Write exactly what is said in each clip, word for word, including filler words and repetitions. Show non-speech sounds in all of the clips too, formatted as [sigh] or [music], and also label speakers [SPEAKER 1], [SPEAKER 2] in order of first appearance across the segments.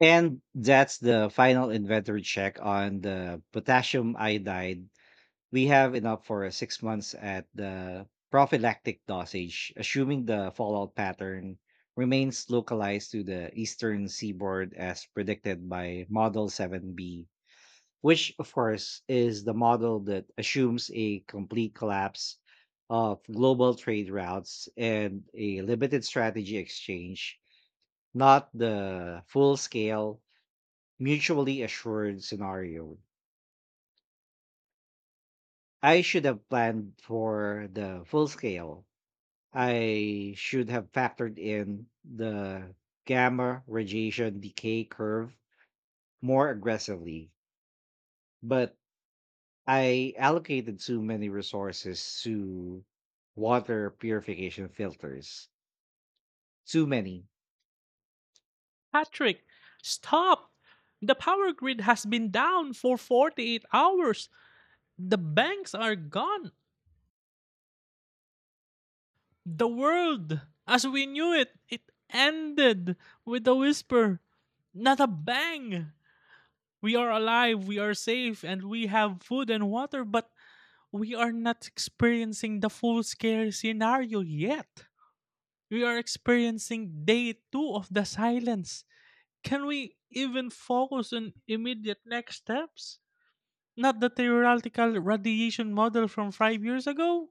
[SPEAKER 1] And that's the final inventory check on the potassium iodide. We have enough for six months at the prophylactic dosage, assuming the fallout pattern remains localized to the eastern seaboard as predicted by Model seven B, which, of course, is the model that assumes a complete collapse of global trade routes and a limited strategy exchange, not the full scale mutually assured scenario. I should have planned for the full scale. I should have factored in the gamma radiation decay curve more aggressively, but I allocated too many resources to water purification filters. Too many.
[SPEAKER 2] Patrick, stop! The power grid has been down for forty-eight hours. The banks are gone. The world, as we knew it, it ended with a whisper, not a bang. We are alive, we are safe, and we have food and water, but we are not experiencing the full scale scenario yet. We are experiencing day two of the silence. Can we even focus on immediate next steps? Not the theoretical radiation model from five years ago?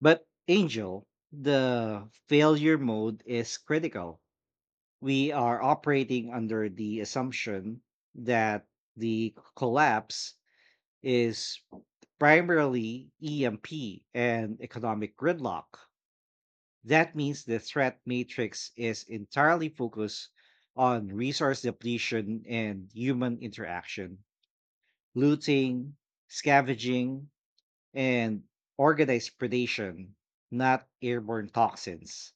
[SPEAKER 1] But Angel, the failure mode is critical. We are operating under the assumption that the collapse is primarily E M P and economic gridlock. That means the threat matrix is entirely focused on resource depletion and human interaction, looting, scavenging, and organized predation, not airborne toxins.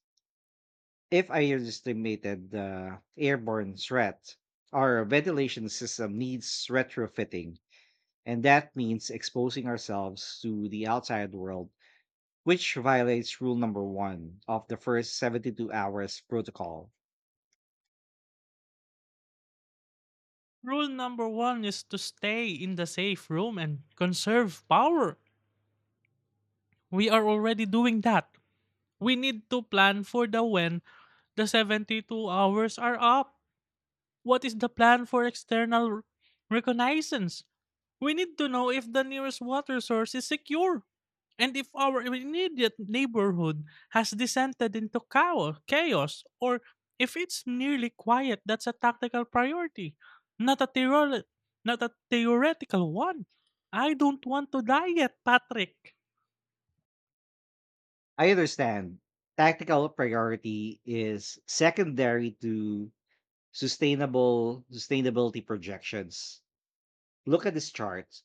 [SPEAKER 1] If I underestimated the airborne threat, our ventilation system needs retrofitting, and that means exposing ourselves to the outside world, which violates rule number one of the first seventy-two hours protocol.
[SPEAKER 2] Rule number one is to stay in the safe room and conserve power. We are already doing that. We need to plan for the when the seventy-two hours are up. What is the plan for external reconnaissance? We need to know if the nearest water source is secure and if our immediate neighborhood has descended into chao- chaos or if it's nearly quiet. That's a tactical priority, not a, theoretical, not a theoretical one. I don't want to die yet, Patrick.
[SPEAKER 1] I understand tactical priority is secondary to sustainable sustainability projections. Look at this chart.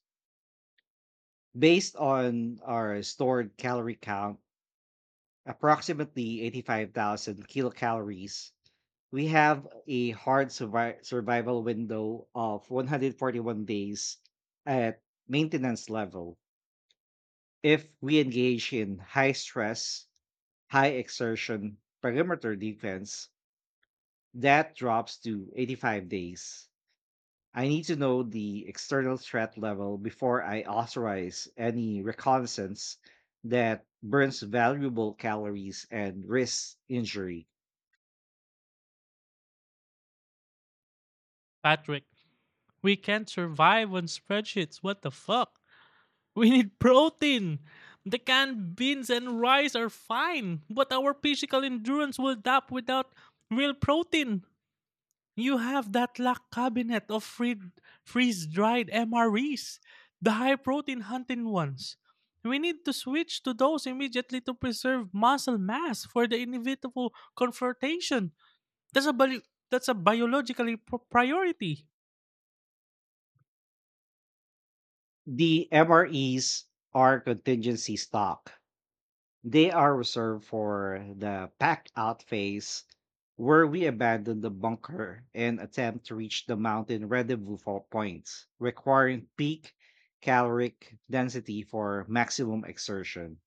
[SPEAKER 1] Based on our stored calorie count, approximately eighty-five thousand kilocalories, we have a hard survi- survival window of one hundred forty-one days at maintenance level if we engage in high stress, high exertion perimeter defense. That drops to eighty-five days. I need to know the external threat level before I authorize any reconnaissance that burns valuable calories and risks injury.
[SPEAKER 2] Patrick, we can't survive on spreadsheets. What the fuck? We need protein. The canned beans and rice are fine, but our physical endurance will drop without real protein. You have that lack cabinet of free- freeze-dried M R Es, the high-protein hunting ones. We need to switch to those immediately to preserve muscle mass for the inevitable confrontation. That's a bio- that's a biologically pro- priority.
[SPEAKER 1] The M R Es are contingency stock. They are reserved for the pack out phase where we abandon the bunker and attempt to reach the mountain rendezvous for points, requiring peak caloric density for maximum exertion.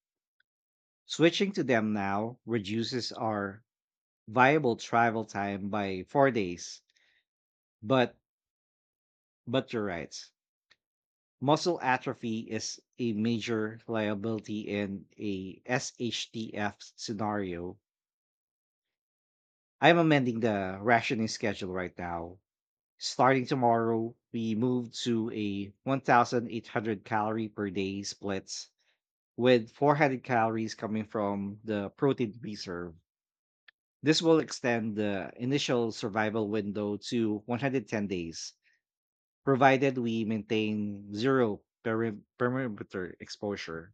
[SPEAKER 1] Switching to them now reduces our viable travel time by four days. But but you're right. Muscle atrophy is a major liability in a S H T F scenario. I'm amending the rationing schedule right now. Starting tomorrow, we move to a one thousand eight hundred calorie per day splits, with four hundred calories coming from the protein reserve. This will extend the initial survival window to one hundred ten days, provided we maintain zero peri- perimeter exposure.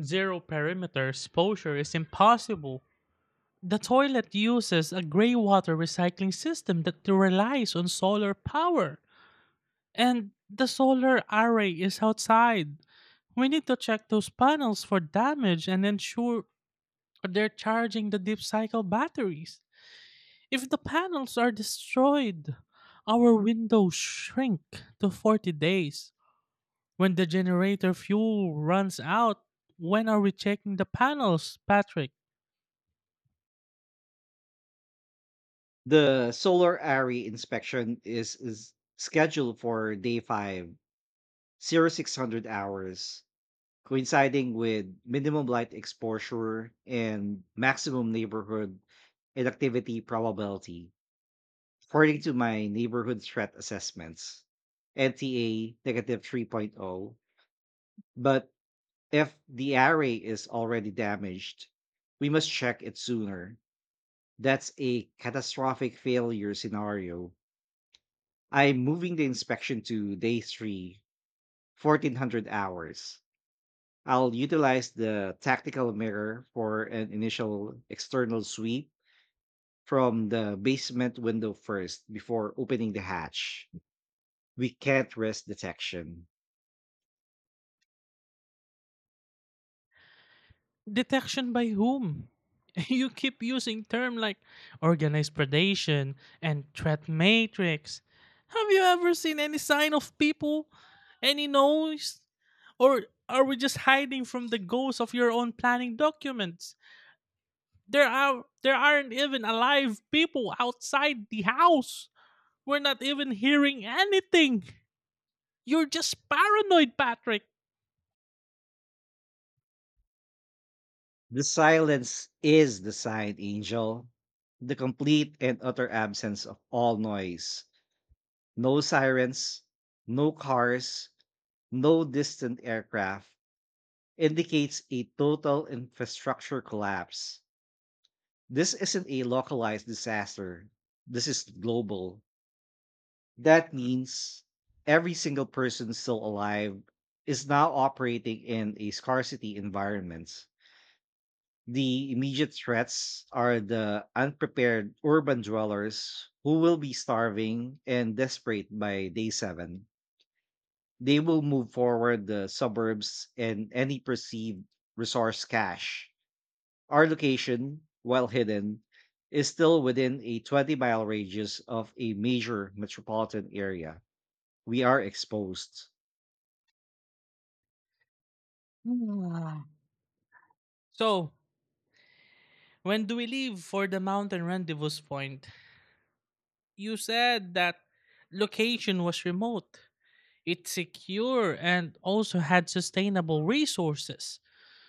[SPEAKER 2] Zero perimeter exposure is impossible. The toilet uses a gray water recycling system that relies on solar power. And the solar array is outside. We need to check those panels for damage and ensure they're charging the deep cycle batteries. If the panels are destroyed, our windows shrink to forty days. When the generator fuel runs out, when are we checking the panels, Patrick?
[SPEAKER 1] The solar array inspection is, is scheduled for day five, zero six hundred hours, coinciding with minimum light exposure and maximum neighborhood inactivity probability, according to my neighborhood threat assessments. N T A negative three point zero. But if the array is already damaged, we must check it sooner. That's a catastrophic failure scenario. I'm moving the inspection to day three, fourteen hundred hours. I'll utilize the tactical mirror for an initial external sweep from the basement window first before opening the hatch. We can't risk detection.
[SPEAKER 2] Detection by whom? [laughs] You keep using terms like organized predation and threat matrix. Have you ever seen any sign of people? Any noise? Or are we just hiding from the ghosts of your own planning documents? There are there aren't even alive people outside the house. We're not even hearing anything. You're just paranoid, Patrick.
[SPEAKER 1] The silence is the sign, Angel. The complete and utter absence of all noise. No sirens, no cars, no distant aircraft indicates a total infrastructure collapse. This isn't a localized disaster. This is global. That means every single person still alive is now operating in a scarcity environment. The immediate threats are the unprepared urban dwellers who will be starving and desperate by day seven. They will move forward the suburbs and any perceived resource cache. Our location, while hidden, is still within a twenty mile radius of a major metropolitan area. We are exposed.
[SPEAKER 2] [sighs] So, when do we leave for the mountain rendezvous point? You said that location was remote, it's secure, and also had sustainable resources.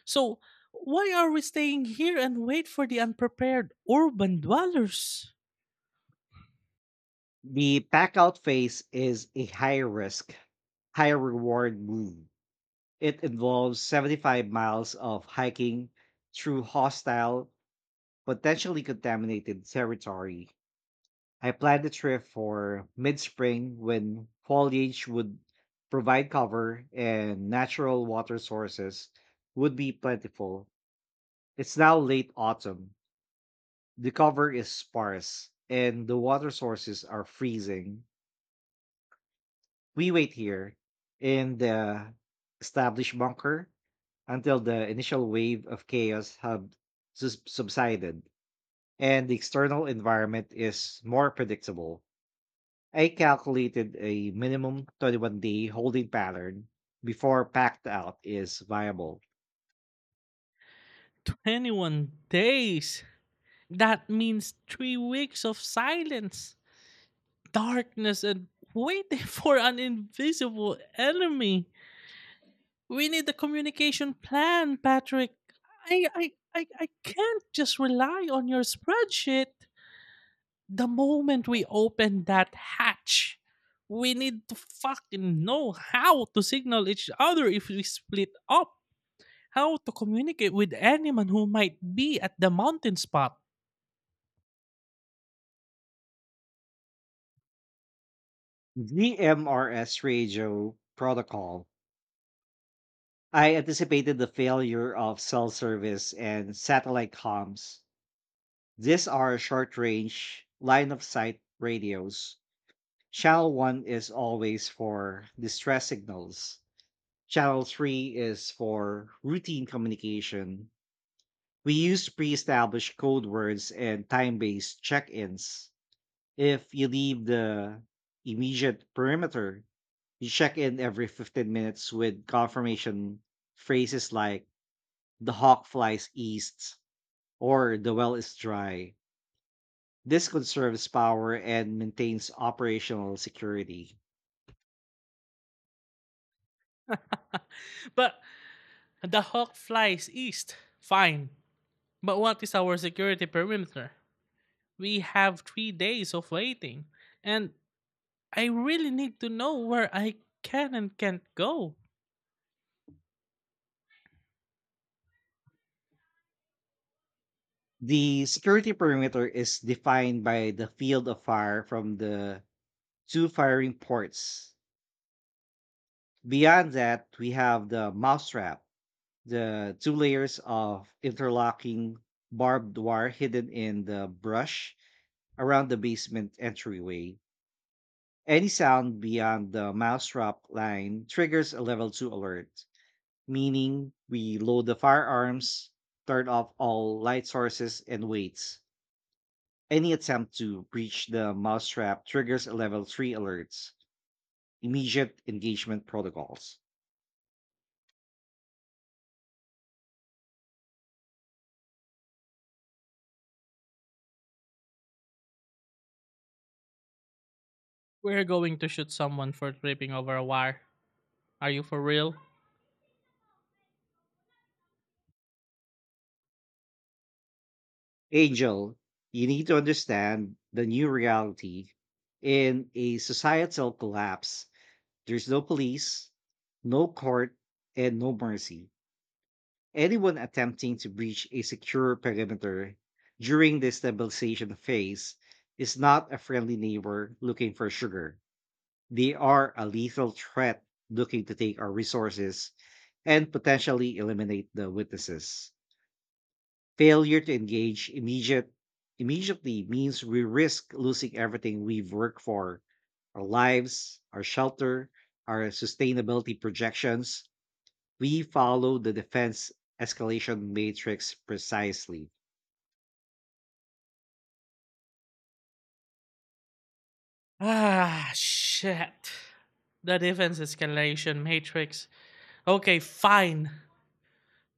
[SPEAKER 2] So, why are we staying here and wait for the unprepared urban dwellers?
[SPEAKER 1] The pack out phase is a high risk, high reward move. It involves seventy-five miles of hiking through hostile, potentially contaminated territory. I planned the trip for mid spring when foliage would provide cover and natural water sources would be plentiful. It's now late autumn. The cover is sparse and the water sources are freezing. We wait here in the established bunker until the initial wave of chaos have sus- subsided and the external environment is more predictable. I calculated a minimum twenty-one day holding pattern before packed out is viable.
[SPEAKER 2] twenty-one days. That means three weeks of silence, darkness, and waiting [laughs] for an invisible enemy. We need a communication plan, Patrick. I, I, I, I can't just rely on your spreadsheet. The moment we open that hatch, we need to fucking know how to signal each other if we split up, how to communicate with anyone who might be at the mountain spot.
[SPEAKER 1] G M R S radio protocol. I anticipated the failure of cell service and satellite comms. These are short range, line of sight radios. Channel one is always for distress signals. Channel three is for routine communication. We use pre established code words and time based check ins. If you leave the immediate perimeter, you check in every fifteen minutes with confirmation phrases like the hawk flies east or the well is dry. This conserves power and maintains operational security.
[SPEAKER 2] [laughs] But The hawk flies east. Fine. But what is our security perimeter? We have three days of waiting, and I really need to know where I can and can't go.
[SPEAKER 1] The security perimeter is defined by the field of fire from the two firing ports. Beyond that, we have the mousetrap, the two layers of interlocking barbed wire hidden in the brush around the basement entryway. Any sound beyond the mousetrap line triggers a level two alert, meaning we load the firearms, turn off all light sources, and wait. Any attempt to breach the mousetrap triggers a level three alert, immediate engagement protocols.
[SPEAKER 2] We're going to shoot someone for tripping over a wire. Are you for real?
[SPEAKER 1] Angel, you need to understand the new reality. In a societal collapse, there's no police, no court, and no mercy. Anyone attempting to breach a secure perimeter during the stabilization phase is not a friendly neighbor looking for sugar. They are a lethal threat looking to take our resources and potentially eliminate the witnesses. Failure to engage immediate, immediately means we risk losing everything we've worked for: our lives, our shelter, our sustainability projections. We follow the defense escalation matrix precisely.
[SPEAKER 2] Ah, shit. The defense escalation matrix. Okay, fine.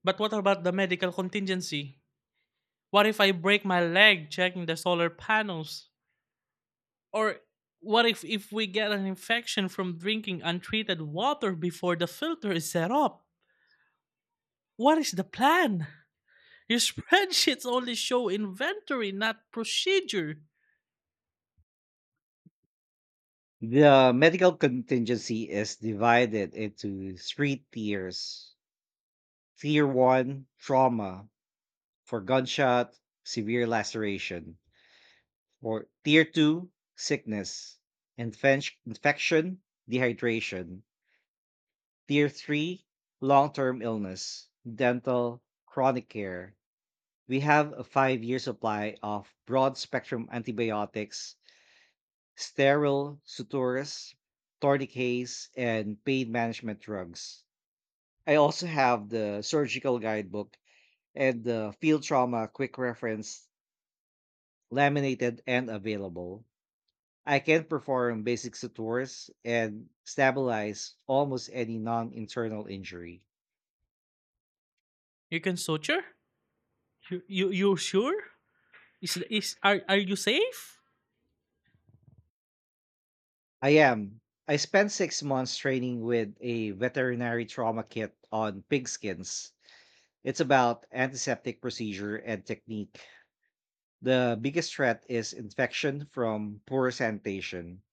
[SPEAKER 2] But what about the medical contingency? What if I break my leg checking the solar panels? Or what if if we get an infection from drinking untreated water before the filter is set up? What is the plan? Your [laughs] spreadsheets only show inventory, not procedure.
[SPEAKER 1] The medical contingency is divided into three tiers. Tier one, trauma, for gunshot, severe laceration. Or tier two, sickness, infen- infection, dehydration. Tier three, long-term illness, dental, chronic care. We have a five year supply of broad spectrum antibiotics, sterile sutures, tourniquets, and pain management drugs. I also have the surgical guidebook and the field trauma quick reference, laminated and available. I can perform basic sutures and stabilize almost any non internal injury.
[SPEAKER 2] You can suture? You you you sure? Is is are are you safe?
[SPEAKER 1] I am. I spent six months training with a veterinary trauma kit on pigskins. It's about antiseptic procedure and technique. The biggest threat is infection from poor sanitation.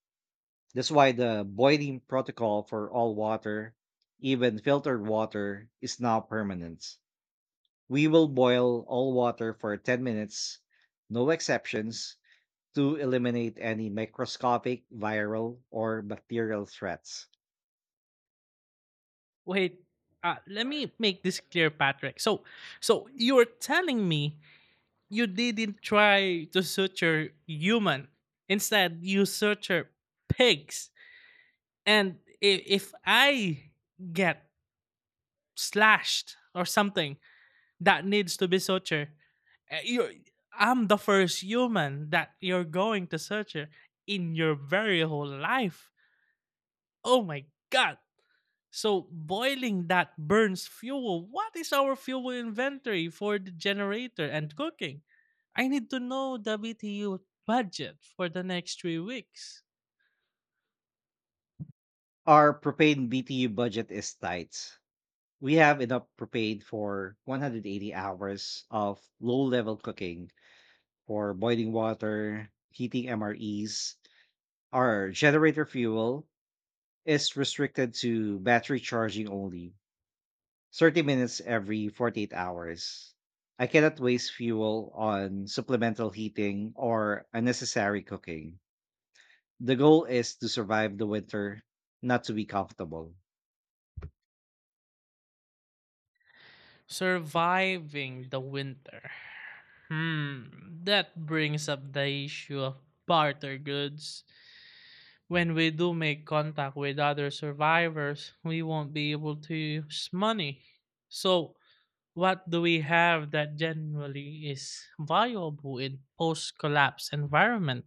[SPEAKER 1] That's why the boiling protocol for all water, even filtered water, is now permanent. We will boil all water for ten minutes, no exceptions, to eliminate any microscopic viral or bacterial threats.
[SPEAKER 2] Wait, uh, let me make this clear, Patrick. So, so you're telling me you didn't try to suture human. Instead, you suture pigs. And if, if I get slashed or something that needs to be sutured, uh, you're, I'm the first human that you're going to suture in your very whole life. Oh my God. So boiling that burns fuel. What is our fuel inventory for the generator and cooking? I need to know the B T U budget for the next three weeks.
[SPEAKER 1] Our propane B T U budget is tight. We have enough propane for one hundred eighty hours of low level cooking, for boiling water, heating M R Es. Our generator fuel is restricted to battery charging only, thirty minutes every forty-eight hours. I cannot waste fuel on supplemental heating or unnecessary cooking. The goal is to survive the winter, not to be comfortable.
[SPEAKER 2] Surviving the winter. Hmm, that brings up the issue of barter goods. When we do make contact with other survivors, we won't be able to use money. So, what do we have that generally is viable in post collapse environment?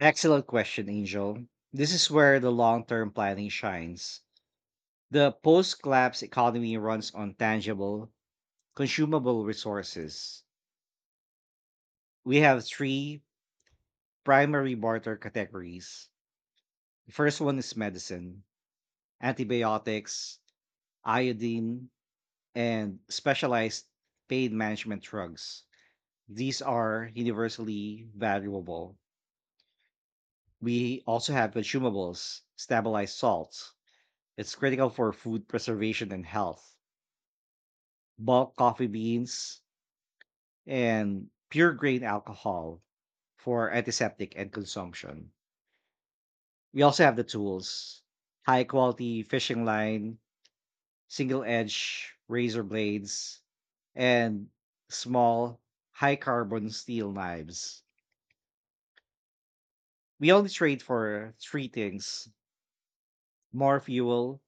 [SPEAKER 1] Excellent question, Angel. This is where the long term planning shines. The post collapse economy runs on tangible, consumable resources. We have three primary barter categories. The first one is medicine, antibiotics, iodine, and specialized pain management drugs. These are universally valuable. We also have consumables, stabilized salts. It's critical for food preservation and health. Bulk coffee beans and pure grain alcohol for antiseptic and consumption. We also have the tools, high quality fishing line, single edge razor blades, and small high carbon steel knives. We only trade for three things: more fuel,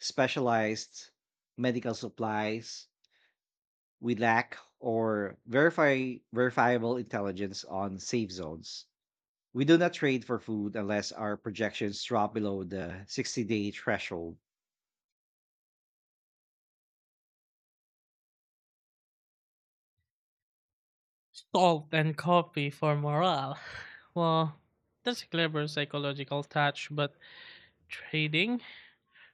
[SPEAKER 1] specialized medical supplies. We lack, or verify verifiable intelligence on safe zones. We do not trade for food unless our projections drop below the sixty day threshold.
[SPEAKER 2] Salt and coffee for morale. [laughs] Well, that's a clever psychological touch, but trading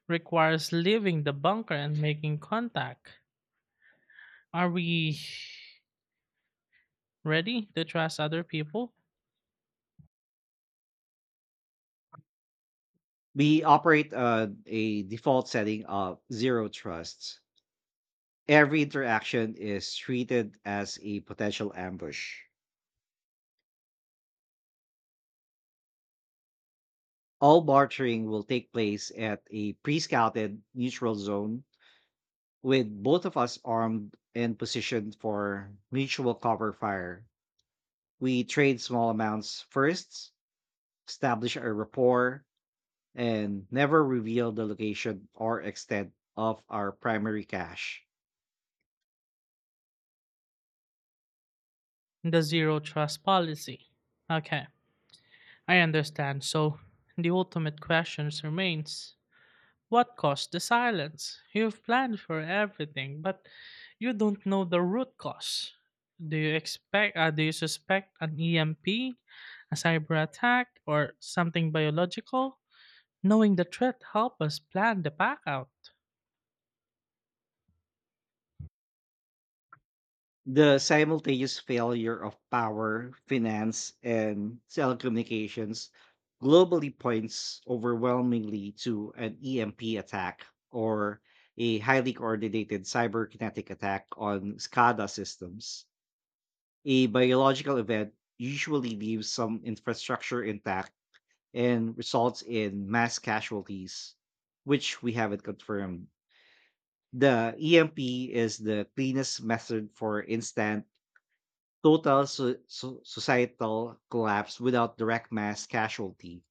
[SPEAKER 2] requires leaving the bunker and making contact. Are we ready to trust other people?
[SPEAKER 1] We operate uh, a default setting of zero trusts. Every interaction is treated as a potential ambush. All bartering will take place at a pre scouted neutral zone, with both of us armed and positioned for mutual cover fire. We trade small amounts first, establish a rapport, and never reveal the location or extent of our primary cache.
[SPEAKER 2] The zero trust policy. Okay, I understand. So the ultimate question remains, what caused the silence? You've planned for everything, but you don't know the root cause. Do you expect uh, do you suspect an E M P, a cyber attack, or something biological? Knowing the threat help us plan the pack out.
[SPEAKER 1] The simultaneous failure of power, finance, and telecommunications globally points overwhelmingly to an E M P attack, or a highly coordinated cyberkinetic attack on SCADA systems. A biological event usually leaves some infrastructure intact and results in mass casualties, which we haven't confirmed. The E M P is the cleanest method for instant total so- so- societal collapse without direct mass casualty.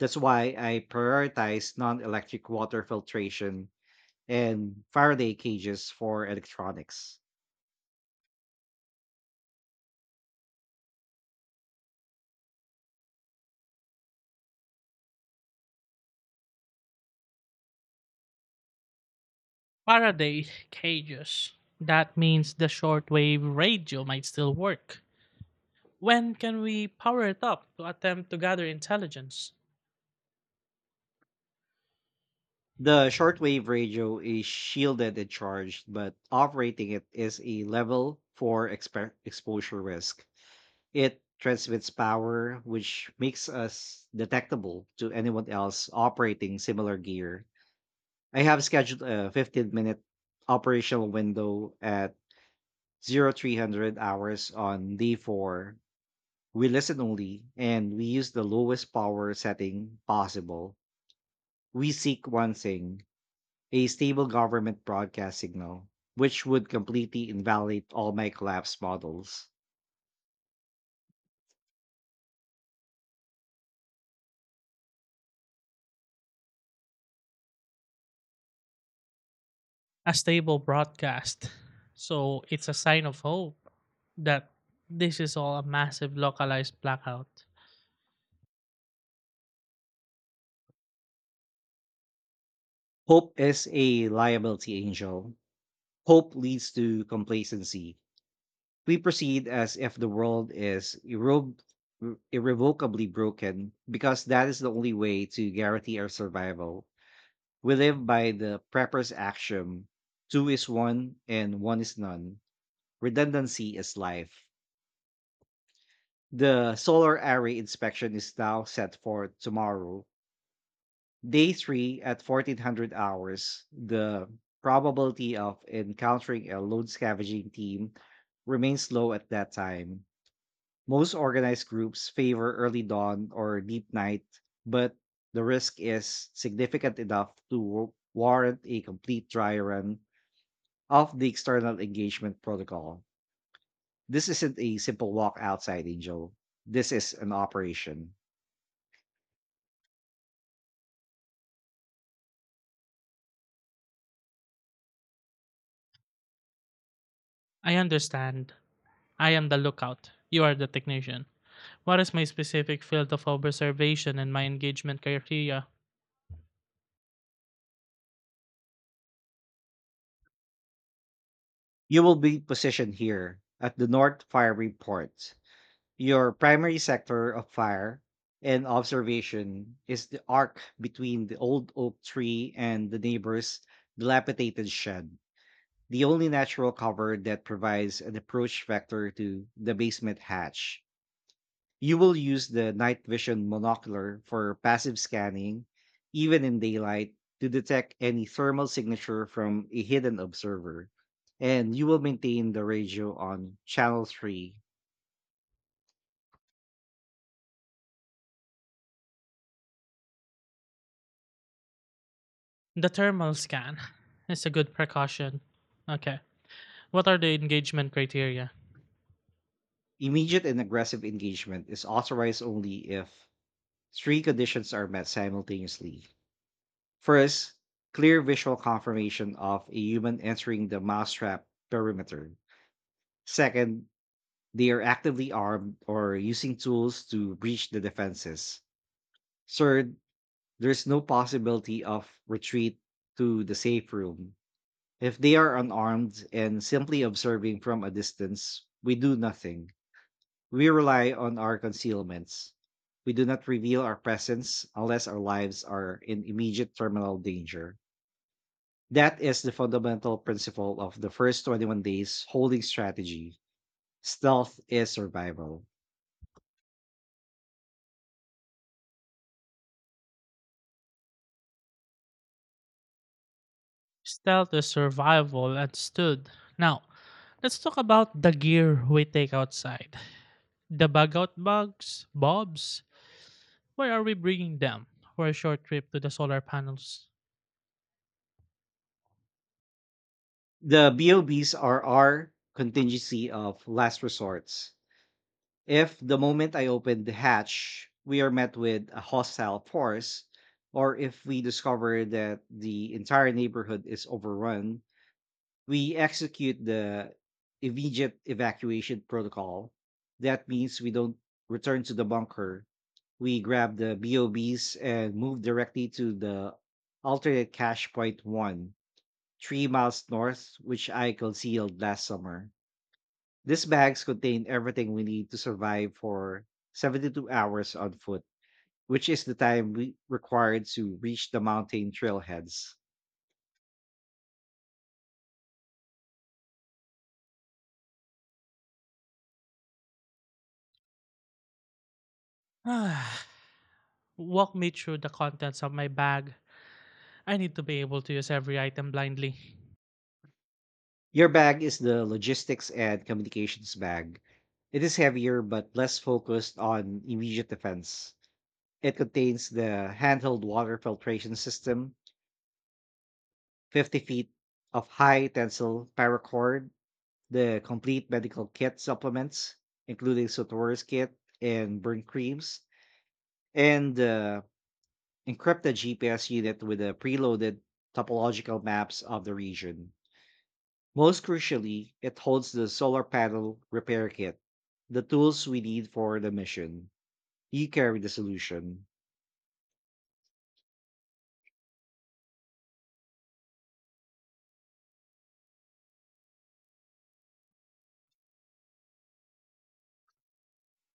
[SPEAKER 1] That's why I prioritize non electric water filtration and Faraday cages for electronics.
[SPEAKER 2] Faraday cages. That means the shortwave radio might still work. When can we power it up to attempt to gather intelligence?
[SPEAKER 1] The shortwave radio is shielded and charged, but operating it is a level four expe- exposure risk. It transmits power, which makes us detectable to anyone else operating similar gear. I have scheduled a fifteen minute operational window at zero three hundred hours on D four. We listen only and we use the lowest power setting possible. We seek one thing: a stable government broadcast signal, which would completely invalidate all my collapse models.
[SPEAKER 2] A stable broadcast. So it's a sign of hope that this is all a massive localized blackout.
[SPEAKER 1] Hope is a liability, Angel. Hope leads to complacency. We proceed as if the world is irre- irrevocably broken, because that is the only way to guarantee our survival. We live by the prepper's axiom: two is one and one is none. Redundancy is life. The solar array inspection is now set for tomorrow, day three at fourteen hundred hours. The probability of encountering a lone scavenging team remains low at that time. Most organized groups favor early dawn or deep night, but the risk is significant enough to wa- warrant a complete dry run of the external engagement protocol. This isn't a simple walk outside, Angel. This is an operation.
[SPEAKER 2] I understand. I am the lookout. You are the technician. What is my specific field of observation and my engagement criteria?
[SPEAKER 1] You will be positioned here at the North Firing Port. Your primary sector of fire and observation is the arc between the old oak tree and the neighbor's dilapidated shed, the only natural cover that provides an approach vector to the basement hatch. You will use the night vision monocular for passive scanning, even in daylight, to detect any thermal signature from a hidden observer. And you will maintain the radio on channel three.
[SPEAKER 2] The thermal scan is a good precaution. Okay. What are the engagement criteria?
[SPEAKER 1] Immediate and aggressive engagement is authorized only if three conditions are met simultaneously. First, clear visual confirmation of a human entering the mousetrap perimeter. Second, they are actively armed or using tools to breach the defenses. Third, there's no possibility of retreat to the safe room. If they are unarmed and simply observing from a distance, we do nothing. We rely on our concealments. We do not reveal our presence unless our lives are in immediate terminal danger. That is the fundamental principle of the first twenty-one days holding strategy. Stealth is survival.
[SPEAKER 2] Stealth is survival and stood. Now, let's talk about the gear we take outside. The bug out bugs, bobs. Where are we bringing them for a short trip to the solar panels? [sighs]
[SPEAKER 1] The BOBs are our contingency of last resorts. If the moment I open the hatch, we are met with a hostile force, or if we discover that the entire neighborhood is overrun, we execute the immediate evacuation protocol. That means we don't return to the bunker. We grab the BOBs and move directly to the alternate cache point one, three miles north, which I concealed last summer. These bags contain everything we need to survive for seventy-two hours on foot, which is the time we required to reach the mountain trailheads.
[SPEAKER 2] Ah, walk me through the contents of my bag. I need to be able to use every item blindly.
[SPEAKER 1] Your bag is the logistics and communications bag. It is heavier but less focused on immediate defense. It contains the handheld water filtration system, fifty feet of high tensile paracord, the complete medical kit supplements, including Sotor's kit and burn creams, and the encrypted G P S unit with the preloaded topological maps of the region. Most crucially, it holds the solar panel repair kit, the tools we need for the mission. You carry the solution.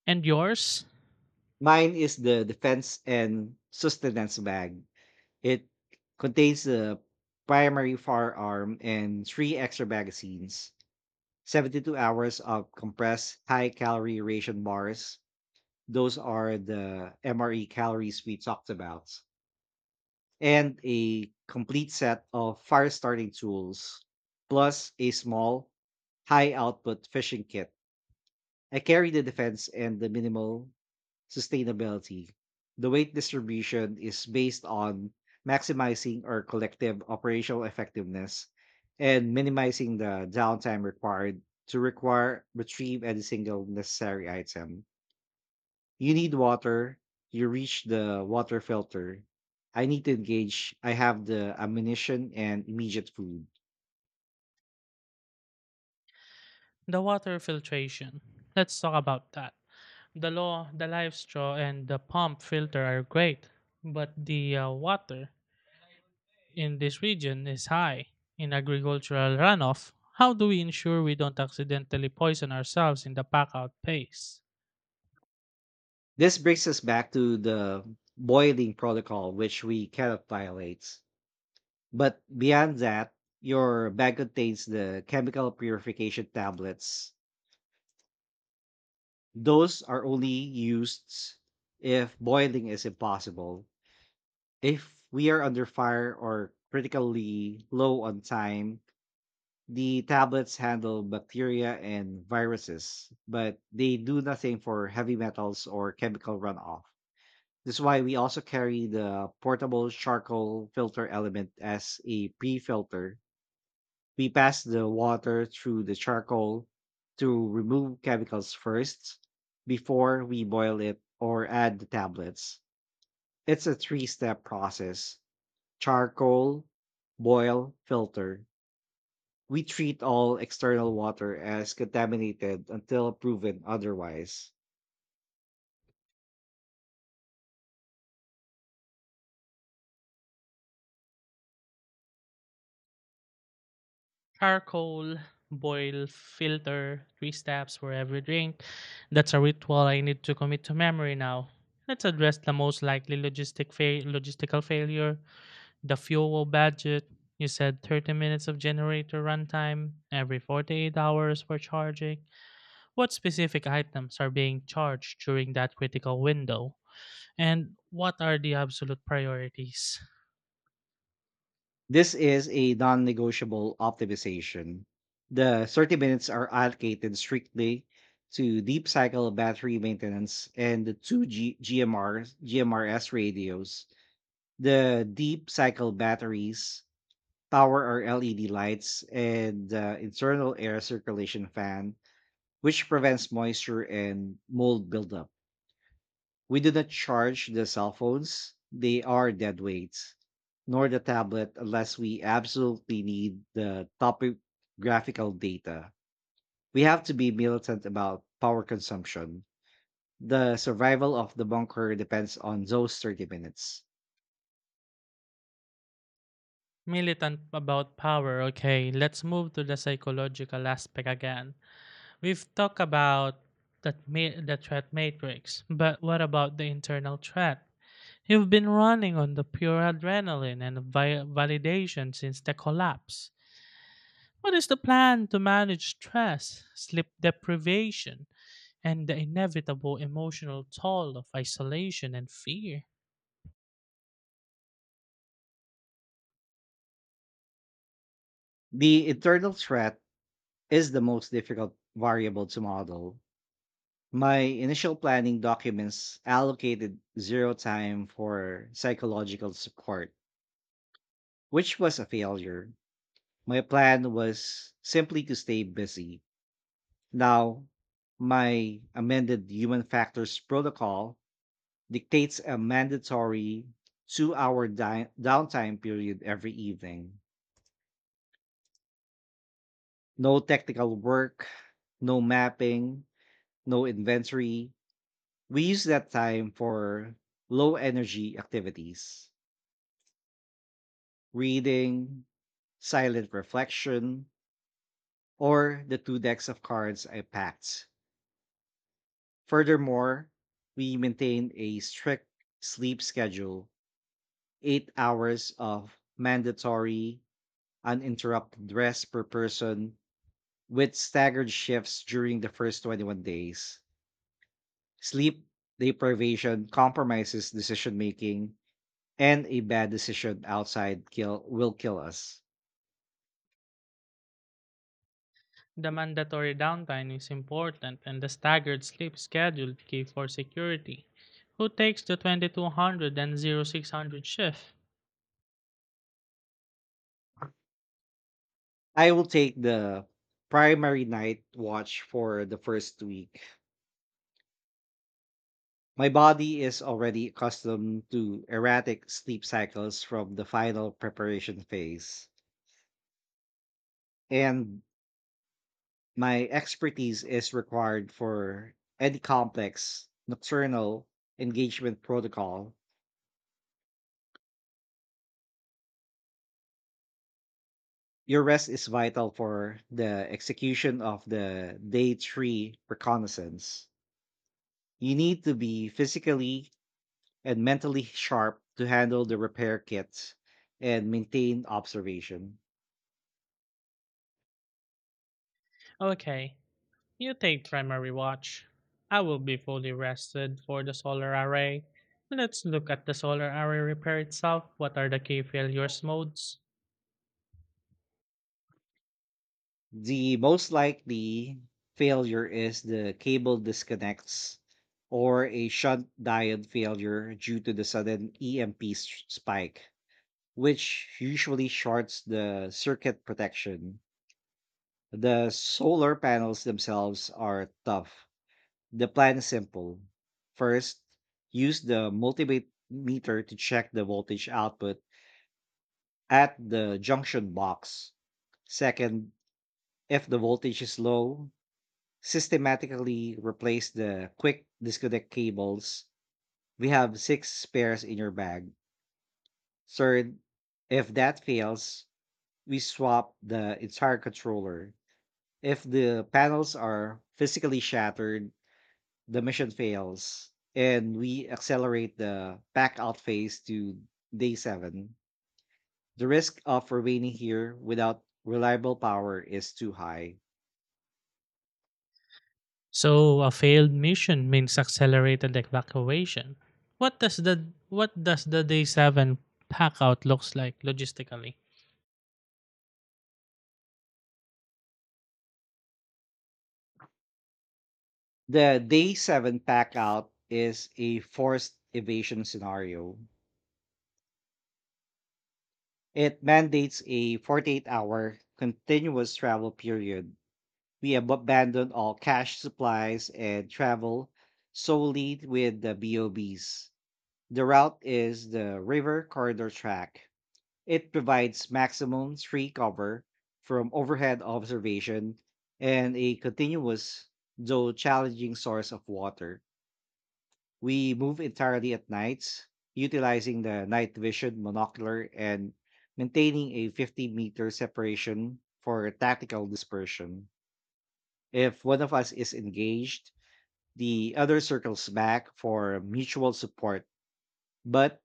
[SPEAKER 2] And yours?
[SPEAKER 1] Mine is the defense and sustenance bag. It contains the primary firearm and three extra magazines, seventy-two hours of compressed high calorie ration bars. Those are the M R E calories we talked about, and a complete set of fire starting tools, plus a small, high output fishing kit. I carry the defense and the minimal sustainability. The weight distribution is based on maximizing our collective operational effectiveness and minimizing the downtime required to require retrieve any single necessary item. You need water. You reach the water filter. I need to engage. I have the ammunition and immediate food.
[SPEAKER 2] The water filtration. Let's talk about that. The law, the live straw, and the pump filter are great, but the uh, water in this region is high. In agricultural runoff, how do we ensure we don't accidentally poison ourselves in the pack out phase?
[SPEAKER 1] This brings us back to the boiling protocol, which we cannot violate. But beyond that, your bag contains the chemical purification tablets. Those are only used if boiling is impossible. If we are under fire or critically low on time, the tablets handle bacteria and viruses, but they do nothing for heavy metals or chemical runoff. This is why we also carry the portable charcoal filter element as a pre filter. We pass the water through the charcoal to remove chemicals first before we boil it or add the tablets. It's a three step process: charcoal, boil, filter. We treat all external water as contaminated until proven otherwise.
[SPEAKER 2] Charcoal, boil, filter, three steps for every drink. That's a ritual I need to commit to memory now. Let's address the most likely logistic fa- logistical failure. The fuel budget, you said thirty minutes of generator runtime every forty-eight hours for charging. What specific items are being charged during that critical window? And what are the absolute priorities?
[SPEAKER 1] This is a non negotiable optimization. The thirty minutes are allocated strictly to deep cycle battery maintenance and the two G- GMRs, G M R S radios. The deep cycle batteries power our L E D lights and the internal air circulation fan, which prevents moisture and mold buildup. We do not charge the cell phones, they are dead weights, nor the tablet unless we absolutely need the topographical data. We have to be militant about power consumption. The survival of the bunker depends on those thirty minutes.
[SPEAKER 2] Militant about power, okay, let's move to the psychological aspect again. We've talked about that ma- the threat matrix, but what about the internal threat? You've been running on the pure adrenaline and vi- validation since the collapse. What is the plan to manage stress, sleep deprivation, and the inevitable emotional toll of isolation and fear?
[SPEAKER 1] The internal threat is the most difficult variable to model. My initial planning documents allocated zero time for psychological support, which was a failure. My plan was simply to stay busy. Now, my amended human factors protocol dictates a mandatory two hour di- downtime period every evening. No technical work, no mapping, no inventory. We use that time for low energy activities, reading, silent reflection, or the two decks of cards I packed. Furthermore, we maintain a strict sleep schedule, eight hours of mandatory uninterrupted rest per person with staggered shifts during the first twenty-one days. Sleep deprivation compromises decision making, and a bad decision outside kill will kill us.
[SPEAKER 2] The mandatory downtime is important and the staggered sleep schedule is key for security. Who takes the twenty-two hundred and zero-six hundred shift?
[SPEAKER 1] I will take the primary night watch for the first week. My body is already accustomed to erratic sleep cycles from the final preparation phase, and my expertise is required for any complex nocturnal engagement protocol. Your rest is vital for the execution of the day three reconnaissance. You need to be physically and mentally sharp to handle the repair kit and maintain observation.
[SPEAKER 2] Okay, you take primary watch. I will be fully rested for the solar array. Let's look at the solar array repair itself. What are the key failures modes?
[SPEAKER 1] The most likely failure is the cable disconnects or a shunt diode failure due to the sudden E M P spike, which usually shorts the circuit protection. The solar panels themselves are tough. The plan is simple. First, use the multimeter to check the voltage output at the junction box. Second, if the voltage is low, systematically replace the quick disconnect cables. We have six spares in your bag. Third, if that fails, we swap the entire controller. If the panels are physically shattered, the mission fails and we accelerate the back out phase to day seven. The risk of remaining here without reliable power is too high.
[SPEAKER 2] So, a failed mission means accelerated evacuation. What does the what does the day seven pack out looks like logistically?
[SPEAKER 1] The day seven pack out is a forced evasion scenario. It mandates a forty-eight hour continuous travel period. We ab- abandon all cash supplies and travel solely with the BOBs. The route is the river corridor track. It provides maximum tree cover from overhead observation and a continuous, though challenging, source of water. We move entirely at nights, utilizing the night vision monocular and maintaining a fifty meter separation for tactical dispersion. If one of us is engaged, the other circles back for mutual support, but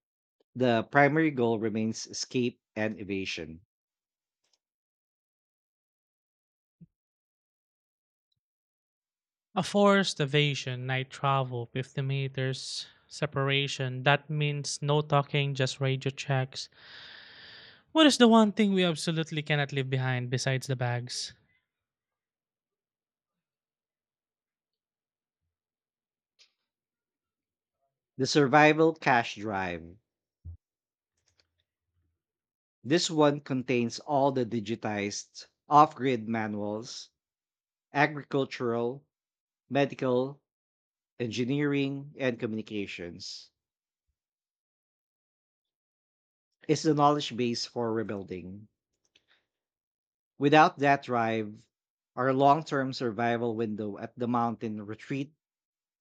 [SPEAKER 1] the primary goal remains escape and evasion.
[SPEAKER 2] A forced evasion, night travel, fifty meters separation. That means no talking, just radio checks. What is the one thing we absolutely cannot leave behind besides the bags?
[SPEAKER 1] The survival cache drive. This one contains all the digitized off grid manuals, agricultural, medical, engineering, and communications, is the knowledge base for rebuilding. Without that drive, our long term survival window at the mountain retreat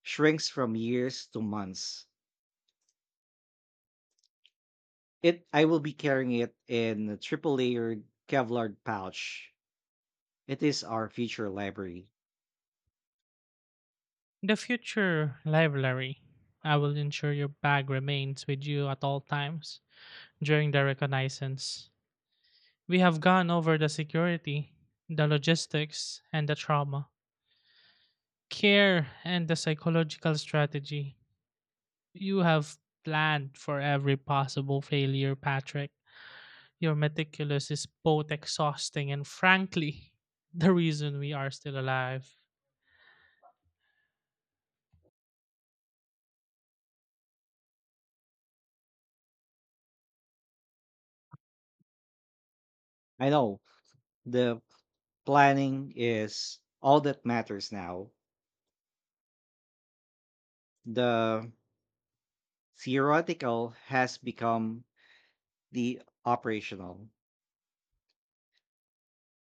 [SPEAKER 1] shrinks from years to months. It I will be carrying it in a triple layered Kevlar pouch. It is our future library.
[SPEAKER 2] The future library. I will ensure your bag remains with you at all times during the reconnaissance. We have gone over the security, the logistics, and the trauma, care, and the psychological strategy. You have planned for every possible failure, Patrick. Your meticulous is both exhausting and frankly [laughs] the reason we are still alive.
[SPEAKER 1] I know the planning is all that matters now. The theoretical has become the operational.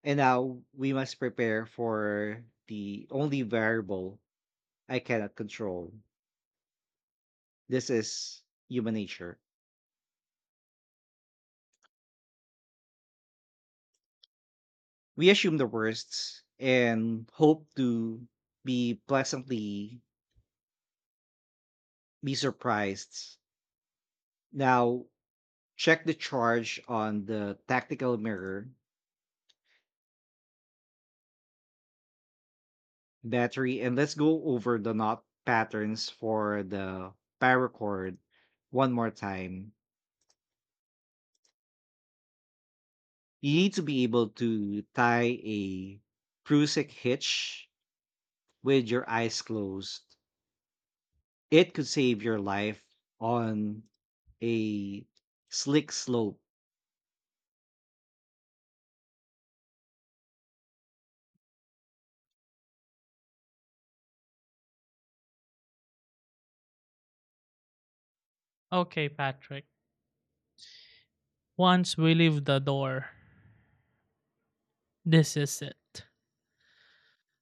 [SPEAKER 1] And now we must prepare for the only variable I cannot control. This is human nature. We assume the worst and hope to be pleasantly be surprised. Now check the charge on the tactical mirror battery and let's go over the knot patterns for the paracord one more time. You need to be able to tie a Prusik hitch with your eyes closed. It could save your life on a slick slope.
[SPEAKER 2] Okay, Patrick. Once we leave the door, this is it.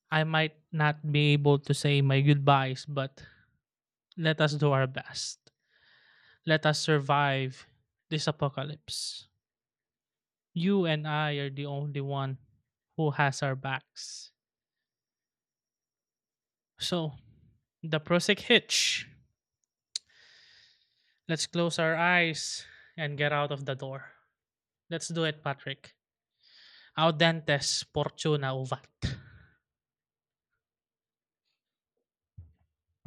[SPEAKER 2] I might not be able to say my goodbyes, but let us do our best. Let us survive this apocalypse. You and I are the only one who has our backs. So, the prosic hitch. Let's close our eyes and get out of the door. Let's do it, Patrick. Audentes fortuna uvat.